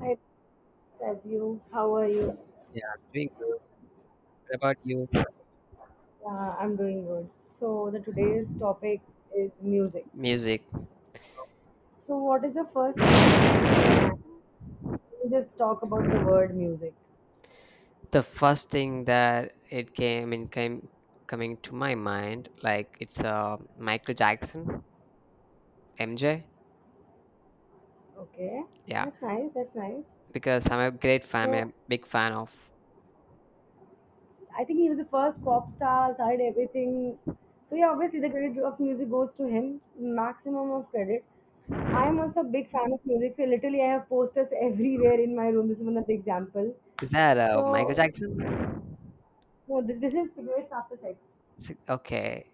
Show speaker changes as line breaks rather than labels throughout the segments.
Hi, Sadhu. How are you?
Yeah, I'm doing good. What about you?
I'm doing good. So the today's topic is music.
Music.
So what is the first thing which comes to your mind? We just talk about the word music.
The first thing that it came in came coming to my mind, like it's Michael Jackson, MJ.
Okay,
Yeah,
that's nice. That's nice.
because I'm a great fan,
So
I'm a big fan of.
I think he was the first pop star. Started everything. So yeah, obviously the credit of music goes to him. Maximum of credit. I am also a big fan of music, so literally I have posters everywhere in my room. This is one of the example.
Is that Michael
So
Jackson?
No, this is cigarettes after sex.
Okay.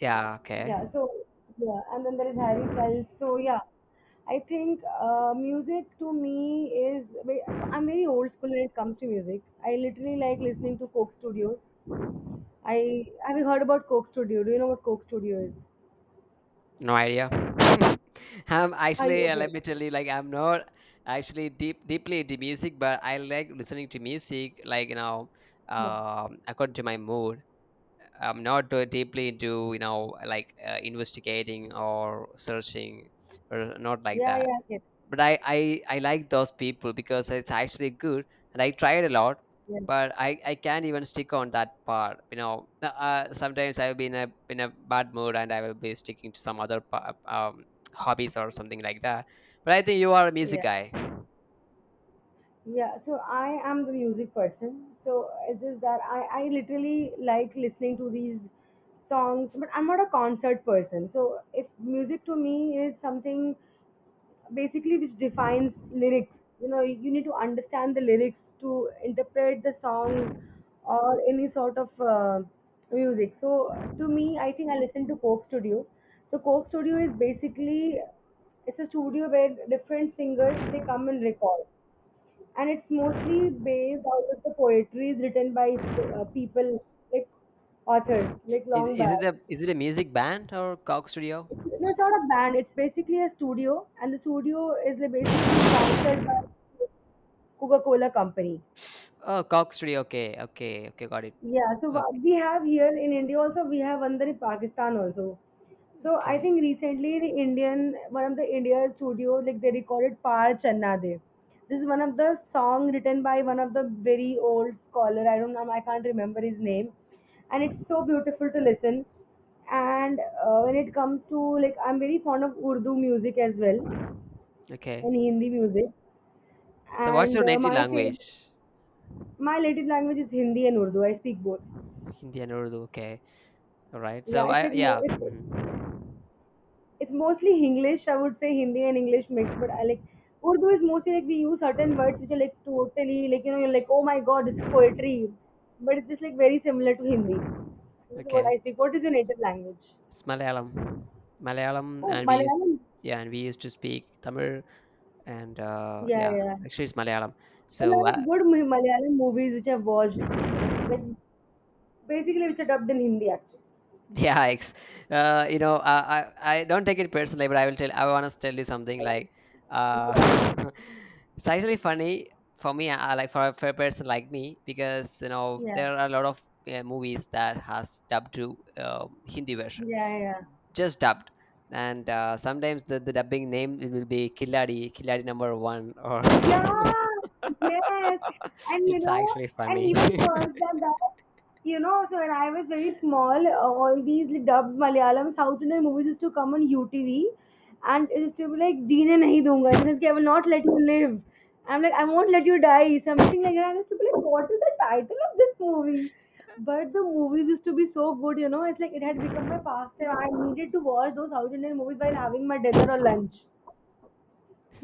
Yeah. Okay.
Yeah, so yeah, and then there is Harry Styles. So yeah, I think music to me so I'm very old school when it comes to music. I literally like listening to Coke Studios. I have you heard about Coke Studio? Do you know what Coke Studio is?
No idea. I'm
Are you
actually,
okay?
let me tell you, like I'm not actually deeply into music, but I like listening to music, like,
Yeah,
according to my mood. I'm not too deeply into, like, investigating or searching, or not like
yeah,
that.
yeah, I get it.
But I like those people because it's actually good, and I tried a lot,
Yeah,
but I can't even stick on that part. Sometimes I'll be in a bad mood and I will be sticking to some other hobbies or something like that. But I think you are a music
yeah.
guy.
Yeah, so I am the music person. So it's just that I literally like listening to these songs, but I'm not a concert person. So if music to me is something basically which defines lyrics, you need to understand the lyrics to interpret the song or any sort of music. So to me, I think I listen to Coke Studio. So Coke Studio is basically it's a studio where different singers they come and record, and it's mostly based out of the poetries written by people, like authors like
is,
long
is
back.
it a is it a music band or cock studio?
No, it's not a band. It's basically a studio and the studio is like basically sponsored by Coca-Cola company.
Oh, cock studio. Okay, okay, okay, got it.
Yeah, so what
Okay,
we have here in India also, we have under Pakistan also. So I
okay,
think recently the Indian, one of the India studios, like they recorded Paar Channa De. This is one of the song written by one of the very old scholar. I don't know, I can't remember his name. And it's so beautiful to listen. And when it comes to like, I'm very fond of Urdu music as well
okay.
and Hindi music.
So what's
And
your native language?
my native language is Hindi and Urdu. I speak both.
Hindi and Urdu, okay. All right.
Yeah,
So
it's
I,
like more.
yeah.
It's,
Mhm.
it's mostly English. I would say Hindi and English mix, but I like Urdu is mostly like we use certain words which are like totally like you know you're like oh my God, this is poetry, but it's just like very similar to Hindi. So this is what
Okay,
I speak. What is your native language?
it's Malayalam. Malayalam,
Oh,
and we used,
Malayalam.
yeah, and we used to speak Tamil, and
Yeah,
yeah,
yeah. Yeah.
actually it's Malayalam.
There are a
So
lot of good Malayalam movies which I've watched, like basically which are dubbed in Hindi actually.
yeah, you know, I don't take it personally, but I will tell. I want to tell you something like, uh,
Yeah,
it's actually funny for me, like for a person like me, because you know
yeah,
there are a lot of movies that has dubbed to Hindi version,
yeah, yeah.
just dubbed. And sometimes the dubbing name, it will be killadi killadi number one or
Yeah, yes. And you
it's
know,
actually
and
funny.
even worse than that, so when I was very small, all these dubbed Malayalam South Indian movies used to come on UTV, and it used to be like, Jeene nahi dunga, in the sense, ki, I will not let you live. I'm like, I won't let you die, something like that. I used to be like, what is the title of this movie? But the movies used to be so good, it's like it had become my pastime. I needed to watch those South Indian movies while having my dinner or lunch.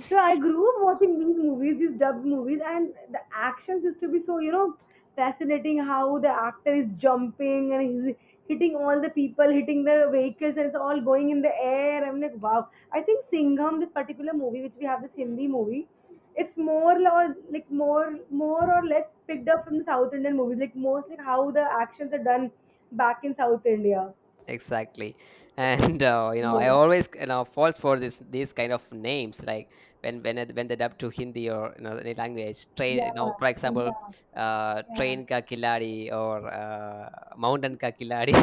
So I grew up watching these movies, these dubbed movies, and the actions used to be so, fascinating how the actor is jumping and he's hitting all the people, hitting the vehicles, and it's all going in the air. I'm like, wow. I think Singham, this particular movie, which we have this Hindi movie, it's more or less picked up from South Indian movies, like mostly how the actions are done back in South India.
Exactly. And you know, I
Yeah,
always, falls for this these kind of names, like when they dub to Hindi or you know any language, train, you
yeah,
know, for example,
yeah. Yeah.
train ka kiladi or uh, mountain ka kiladi.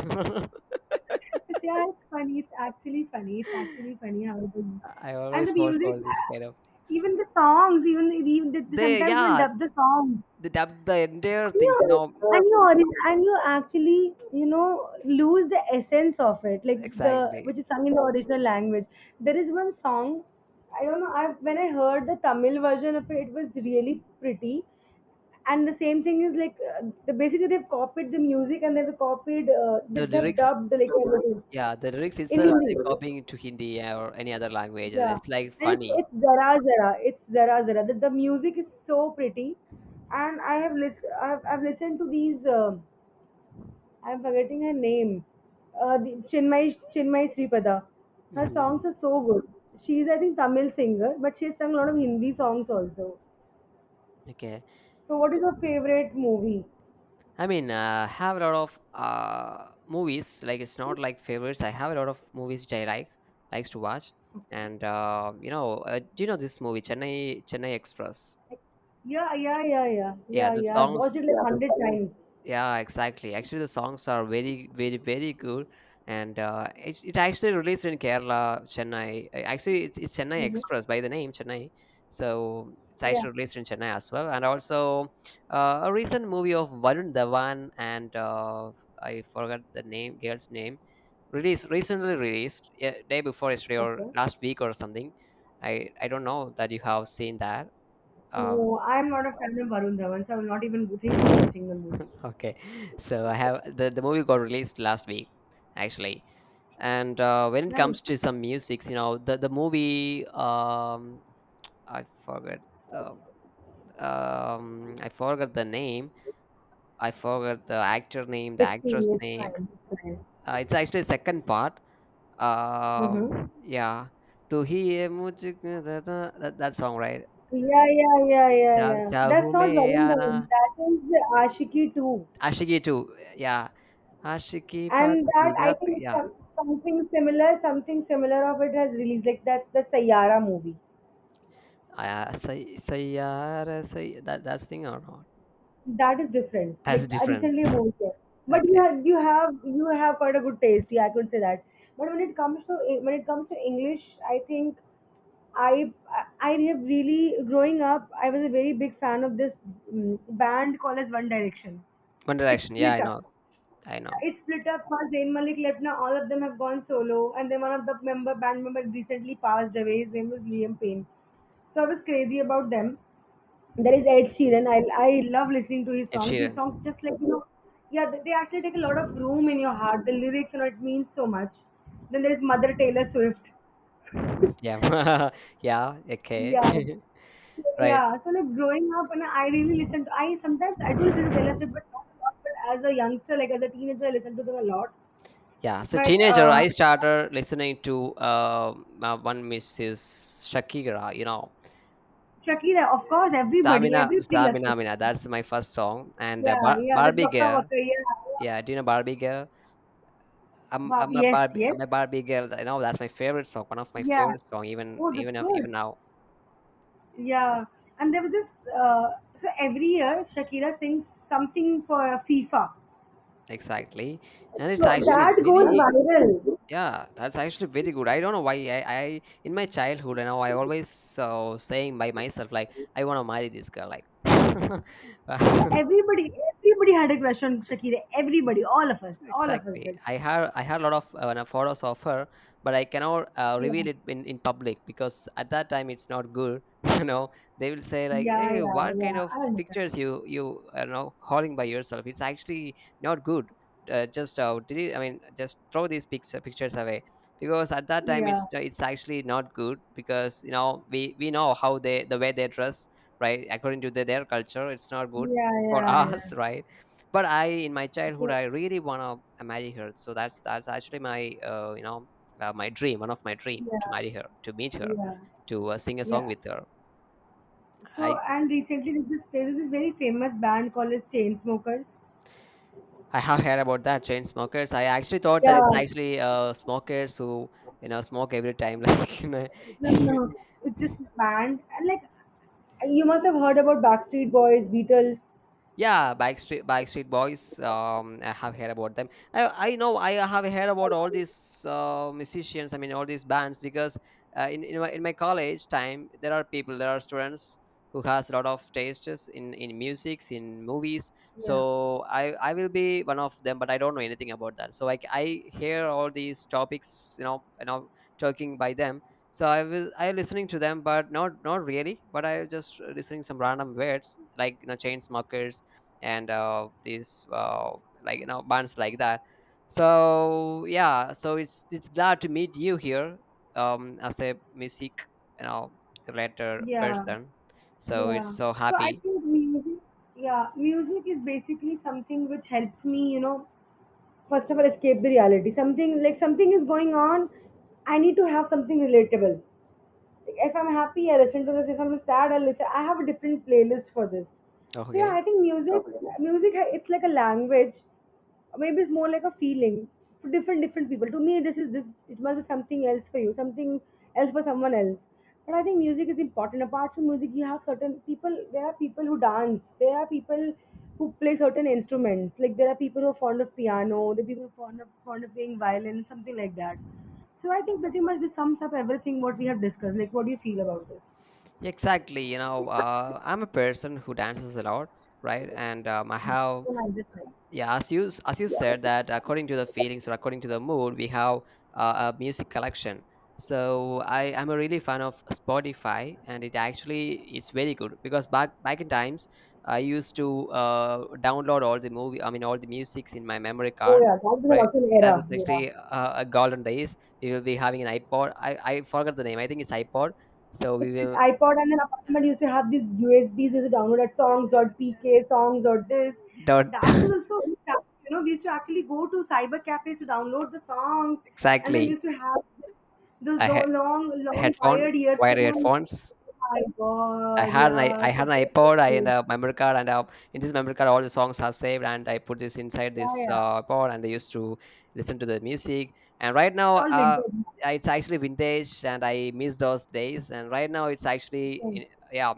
Yeah, it's funny. It's actually funny. It's actually funny how it is.
I
And the
always fall
music,
for this kind of names.
even the songs,
They,
sometimes when
yeah,
dub the songs,
they dubbed the entire things,
you and you ori- and you actually lose the essence of it, like the
Exactly.
which is sung in the original language. There is one song, I don't know. I When I heard the Tamil version of it, it was really pretty. And the same thing is like basically they've copied the music and they've copied
The
they've
lyrics.
dubbed like everything
Yeah, the lyrics
in
itself,
Yeah,
they're
Hindi.
copying it to Hindi or any other languages.
Yeah,
It's, like,
and it's
funny.
it's zara zara. It's zara zara. The music is so pretty, and I've listened to these. I'm forgetting her name. Chinmay Sripada. Her
Mhm.
songs are so good. She's I think Tamil singer, but she's sung a lot of Hindi songs also.
Okay.
So what is your favorite movie?
I mean, have a lot of, movies, like, it's not, like, favorites. I have a lot of movies which I like likes to watch, and, you know, do you know this movie, Chennai Express?
Yeah, yeah, yeah, yeah,
Yeah,
yeah,
the
yeah. I've
songs
watched it like, yeah, 100 Vampire times.
yeah, exactly. Actually, the songs are very, very, very good, and it actually released in Kerala, Chennai. Actually, it's Chennai
Hmm.
Express by the name Chennai, so it's
Yeah.
actually released in Chennai as well. And also, a recent movie of Varun Dhawan and I forgot the name, girl's name, released, recently released, yeah, day before yesterday or
Okay.
last week or something. I don't know that you have seen that. Um,
No, I'm not a fan of Varun Dhawan, so I will not even think of watching the movie.
okay, so the movie got released last week, actually. And when it
Nice.
comes to some musics, you know, the movie, i forgot uh, I forgot the name, I forgot the actor name the
It's
actress
cool. It's
name.
fine. It's fine.
It's actually second part. um
Mm-hmm.
yeah, to he, mujhe, that song, right?
Yeah, yeah, yeah, yeah,
Cha-
yeah.
Chahu
That's not
Mein
Varun
Aana.
Dhawan. That is the Ashiki 2.
Ashiki too yeah, ashiki
And
pataki.
that I think something similar of it has released. Like that's the Sayara movie.
Ah, say, say yaar, say, that that's thing or not?
That is different.
That's
Like
different.
recently a movie came. But you
Okay.
have you have you have quite a good taste. Yeah, I could say that. But when it comes to English, I think I I have really growing up. I was a very big fan of this band called as One Direction.
One
It
Direction. Yeah,
split
I
up.
know. I know.
Yeah, it split up. First Zayn Malik left. Now all of them have gone solo, and then one of the member band member recently passed away. His name was Liam Payne. So I was crazy about them. There is Ed Sheeran. I love listening to his
Ed
songs. His
Sheeran.
songs just like, yeah, they actually take a lot of room in your heart. The lyrics, and it means so much. Then there is Mother Taylor Swift.
Yeah. yeah. Okay.
Yeah. So,
right.
yeah. So like growing up, and I really listen to. I Sometimes I do listen to Taylor Swift, but not a lot. But as a youngster, like as a teenager, I listen to them a lot.
Yeah. So
But
teenager, I started listening to one Mrs. Shakira. You know,
Shakira, of course, everybody,
Samina
everybody loves Shakira.
Samina Mina. That's my first song. And
Yeah,
Bar-
yeah. That's
Barbie
Bakka
Girl.
Bakka. Yeah, yeah.
Yeah. Do you know Barbie Girl? I'm
Wow.
I'm a
Yes,
Barbie I'm a
yes.
Barbie girl. I know, that's my favorite song. One of my
Yeah.
favorite song. Even,
Oh, that's
even of
good.
even now.
Yeah. And there was this. So every year, Shakira sings something for FIFA.
Exactly. And it's
So
actually
that goes
very,
viral.
yeah, that's actually very good. I don't know why, I in my childhood, you know, I always, saying by myself like, I want to marry this girl, like.
Yeah, everybody had a crush on Shakira. Everybody, all of us
Exactly.
did.
I had a lot of photos of her, but I cannot
Yeah,
reveal it in public because at that time it's not good. You know, they will say like,
yeah,
"Hey,
yeah,
what kind
yeah.
of
I understand.
pictures you, you, you know, holding by yourself? It's actually not good. Just delete. I mean, just throw these pictures away." Because at that time
Yeah,
it's actually not good, because you know we know how they, the way they dress, right, according to the, their culture. It's not good
yeah,
for us,
yeah,
right? But I, in my childhood,
yeah,
I really wanna marry her. So that's actually my, you know, my dream, one of my dream,
yeah,
to marry her, to meet
yeah,
her,
yeah.
to sing a song
Yeah.
with her.
So,
I
and recently there was this very famous band called as Chainsmokers.
I have heard about that chain smokers. I actually thought
Yeah,
that it's
no,
actually smokers who, you know, smoke every time, like, you know.
no, no. It's just a band, and like you must have heard about Backstreet Boys, Beatles.
Yeah, Backstreet Boys. I have heard about them. I know, I have heard about all these musicians. I mean, all these bands because in my, in my college time, there are people, there are students who has a lot of tastes in musics, in movies.
Yeah,
So I will be one of them, but I don't know anything about that. So I hear all these topics, you know, talking by them. So I was I listening to them, but not, not really. But I was just listening some random words, like, you know, chain smokers and these, like, you know, bands like that. So yeah, so it's glad to meet you here as a music, you know, related
yeah.
person. So
Yeah.
it's so
So I
happy.
think music, yeah, music is basically something which helps me, first of all, escape the reality. Something like something is going on, I need to have something relatable. Like if I'm happy, I listen to this. If I'm sad, I listen. I have a different playlist for this. So yeah,
Okay.
I think music, it's like a language, maybe it's more like a feeling for different people. To me this is this, it must be something else for you, something else for someone else. But I think music is important. Apart from music, you have certain people. There are people who dance, there are people who play certain instruments, like there are people who are fond of piano. There are people who are fond of playing violin, something like that. So I think pretty much this sums up everything what we have discussed. Like what do you feel about this?
Exactly, you know, I'm a person who dances a lot, right? And I
Hmm.
have,
So, like this, like-
yeah, as you as you said that, according to the feelings or according to the mood, we have a music collection. So I'm a really fan of Spotify, and it actually, it's very good because back in times, I used to download all the movie, I mean all the musics in my memory
oh
card,
yeah, that was
right?
also an
That was
era. Yeah.
actually a golden days. We will be having an iPod. I forgot the name, I think it's iPod. So
It's
we
it's
will.
iPod, and then apartment used to have these USBs used to download at songs .dot pk songs or this.
Don't.
That was also, we used to actually go to cyber cafes to download the songs, and then we
Exactly.
used to have those
I
long long
Headphone,
wired
wired
earphones.
headphones.
My
I
God,
had an
yeah, I
I had an
forgot
iPod,
those
I and
days.
a memory card, and in this memory card, all the songs are saved, and I put this inside
Yeah,
this
yeah.
pod, and I used to listen to the music. And right
It's
now,
all vintage.
it's actually vintage, and I miss those days. And right now, it's actually
Okay.
in, yeah,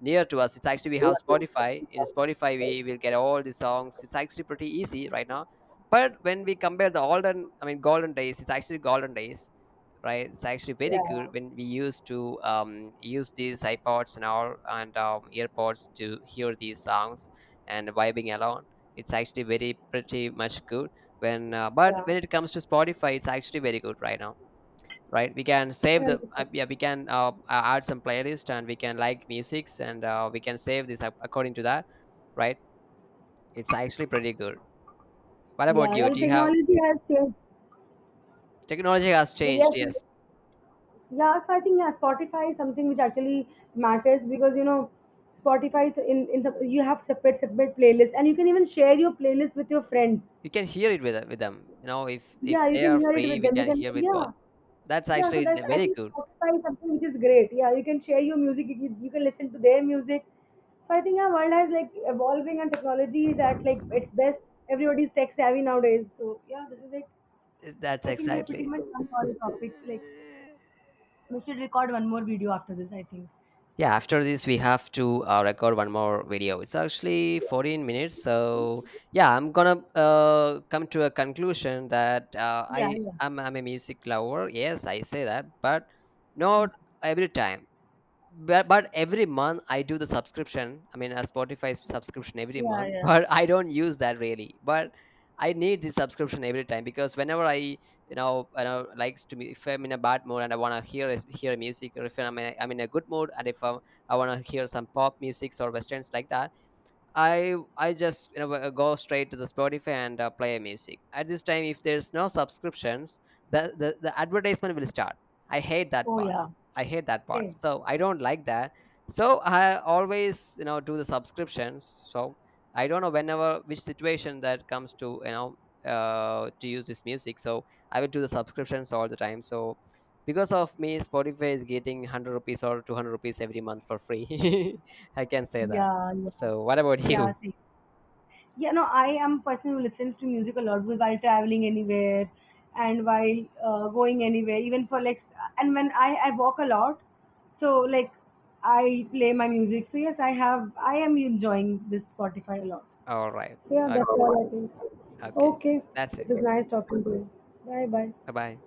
near to us. It's actually we have Spotify. In Spotify, we will get all the songs. It's actually pretty easy right now. But when we compare the olden, I mean golden days, it's actually golden days, right? It's actually very
Yeah,
good when we used to use these iPods and all, and earpods to hear these songs and vibing along. It's actually very pretty much good, when but
yeah.
when it comes to Spotify, it's actually very good right now, right? We can
I
save the,
understand.
yeah, we can add some playlist, and we can like musics, and we can save this according to that, right? It's actually pretty good. What
Yeah,
about you?
and
Do you have,
technology has changed.
technology has
So yes,
changed,
like,
yes?
yeah, so I think, yeah, Spotify is something which actually matters, because Spotify is in the, you have separate playlists, and you can even share your playlist with your friends.
You can hear it with them, you know. If
Yeah, you
they
can
are
hear it
free,
with
we
them. You
can
can,
hear with
yeah,
both. That's
yeah. So
actually
that's, I
very
think
good.
Spotify is something which is great. Yeah, you can share your music. You can listen to their music. So I think our world has like evolving, and technology is at like its best. Everybody's tech savvy nowadays. So yeah, this is it.
That's
So I think we have pretty
exactly.
much done all the topic. Like we should record one more video after this, I think.
Yeah, after this we have to record one more video. It's actually 14 minutes. So yeah, I'm gonna come to a conclusion that
Yeah,
i
yeah.
I'm, I'm a music lover. Yes, I say that, but not every time. But every month I do the subscription, I mean a Spotify subscription every
Yeah,
month.
yeah.
But I don't use that really. But I need the subscription every time, because whenever I, you know, you know, likes to me, if I'm in a bad mood and I want to hear music, or if I'm in a, I'm in a good mood, and if I, I want to hear some pop musics or westerns like that, I just, you know, go straight to the Spotify and play music. At this time, if there's no subscriptions, the advertisement will start. I hate that
Oh,
part.
yeah.
I hate that part.
Same.
So I don't like that. So I always, you know, do the subscriptions. So I don't know whenever which situation that comes to, you know, to use this music. So I will do the subscriptions all the time. So because of me, Spotify is getting 100 rupees or 200 rupees every month for free. I can say that.
Yeah, yeah.
So, what about
Yeah,
you?
same. Yeah, no, I am a person who listens to music a lot while traveling anywhere, and while going anywhere, even for like, and when I walk a lot, so like I play my music. So, yes, I am enjoying this Spotify a lot.
All right.
So, yeah,
O-
that's all I think.
Okay.
Okay.
That's
It
it.
was nice talking to you. Bye bye.
Bye bye.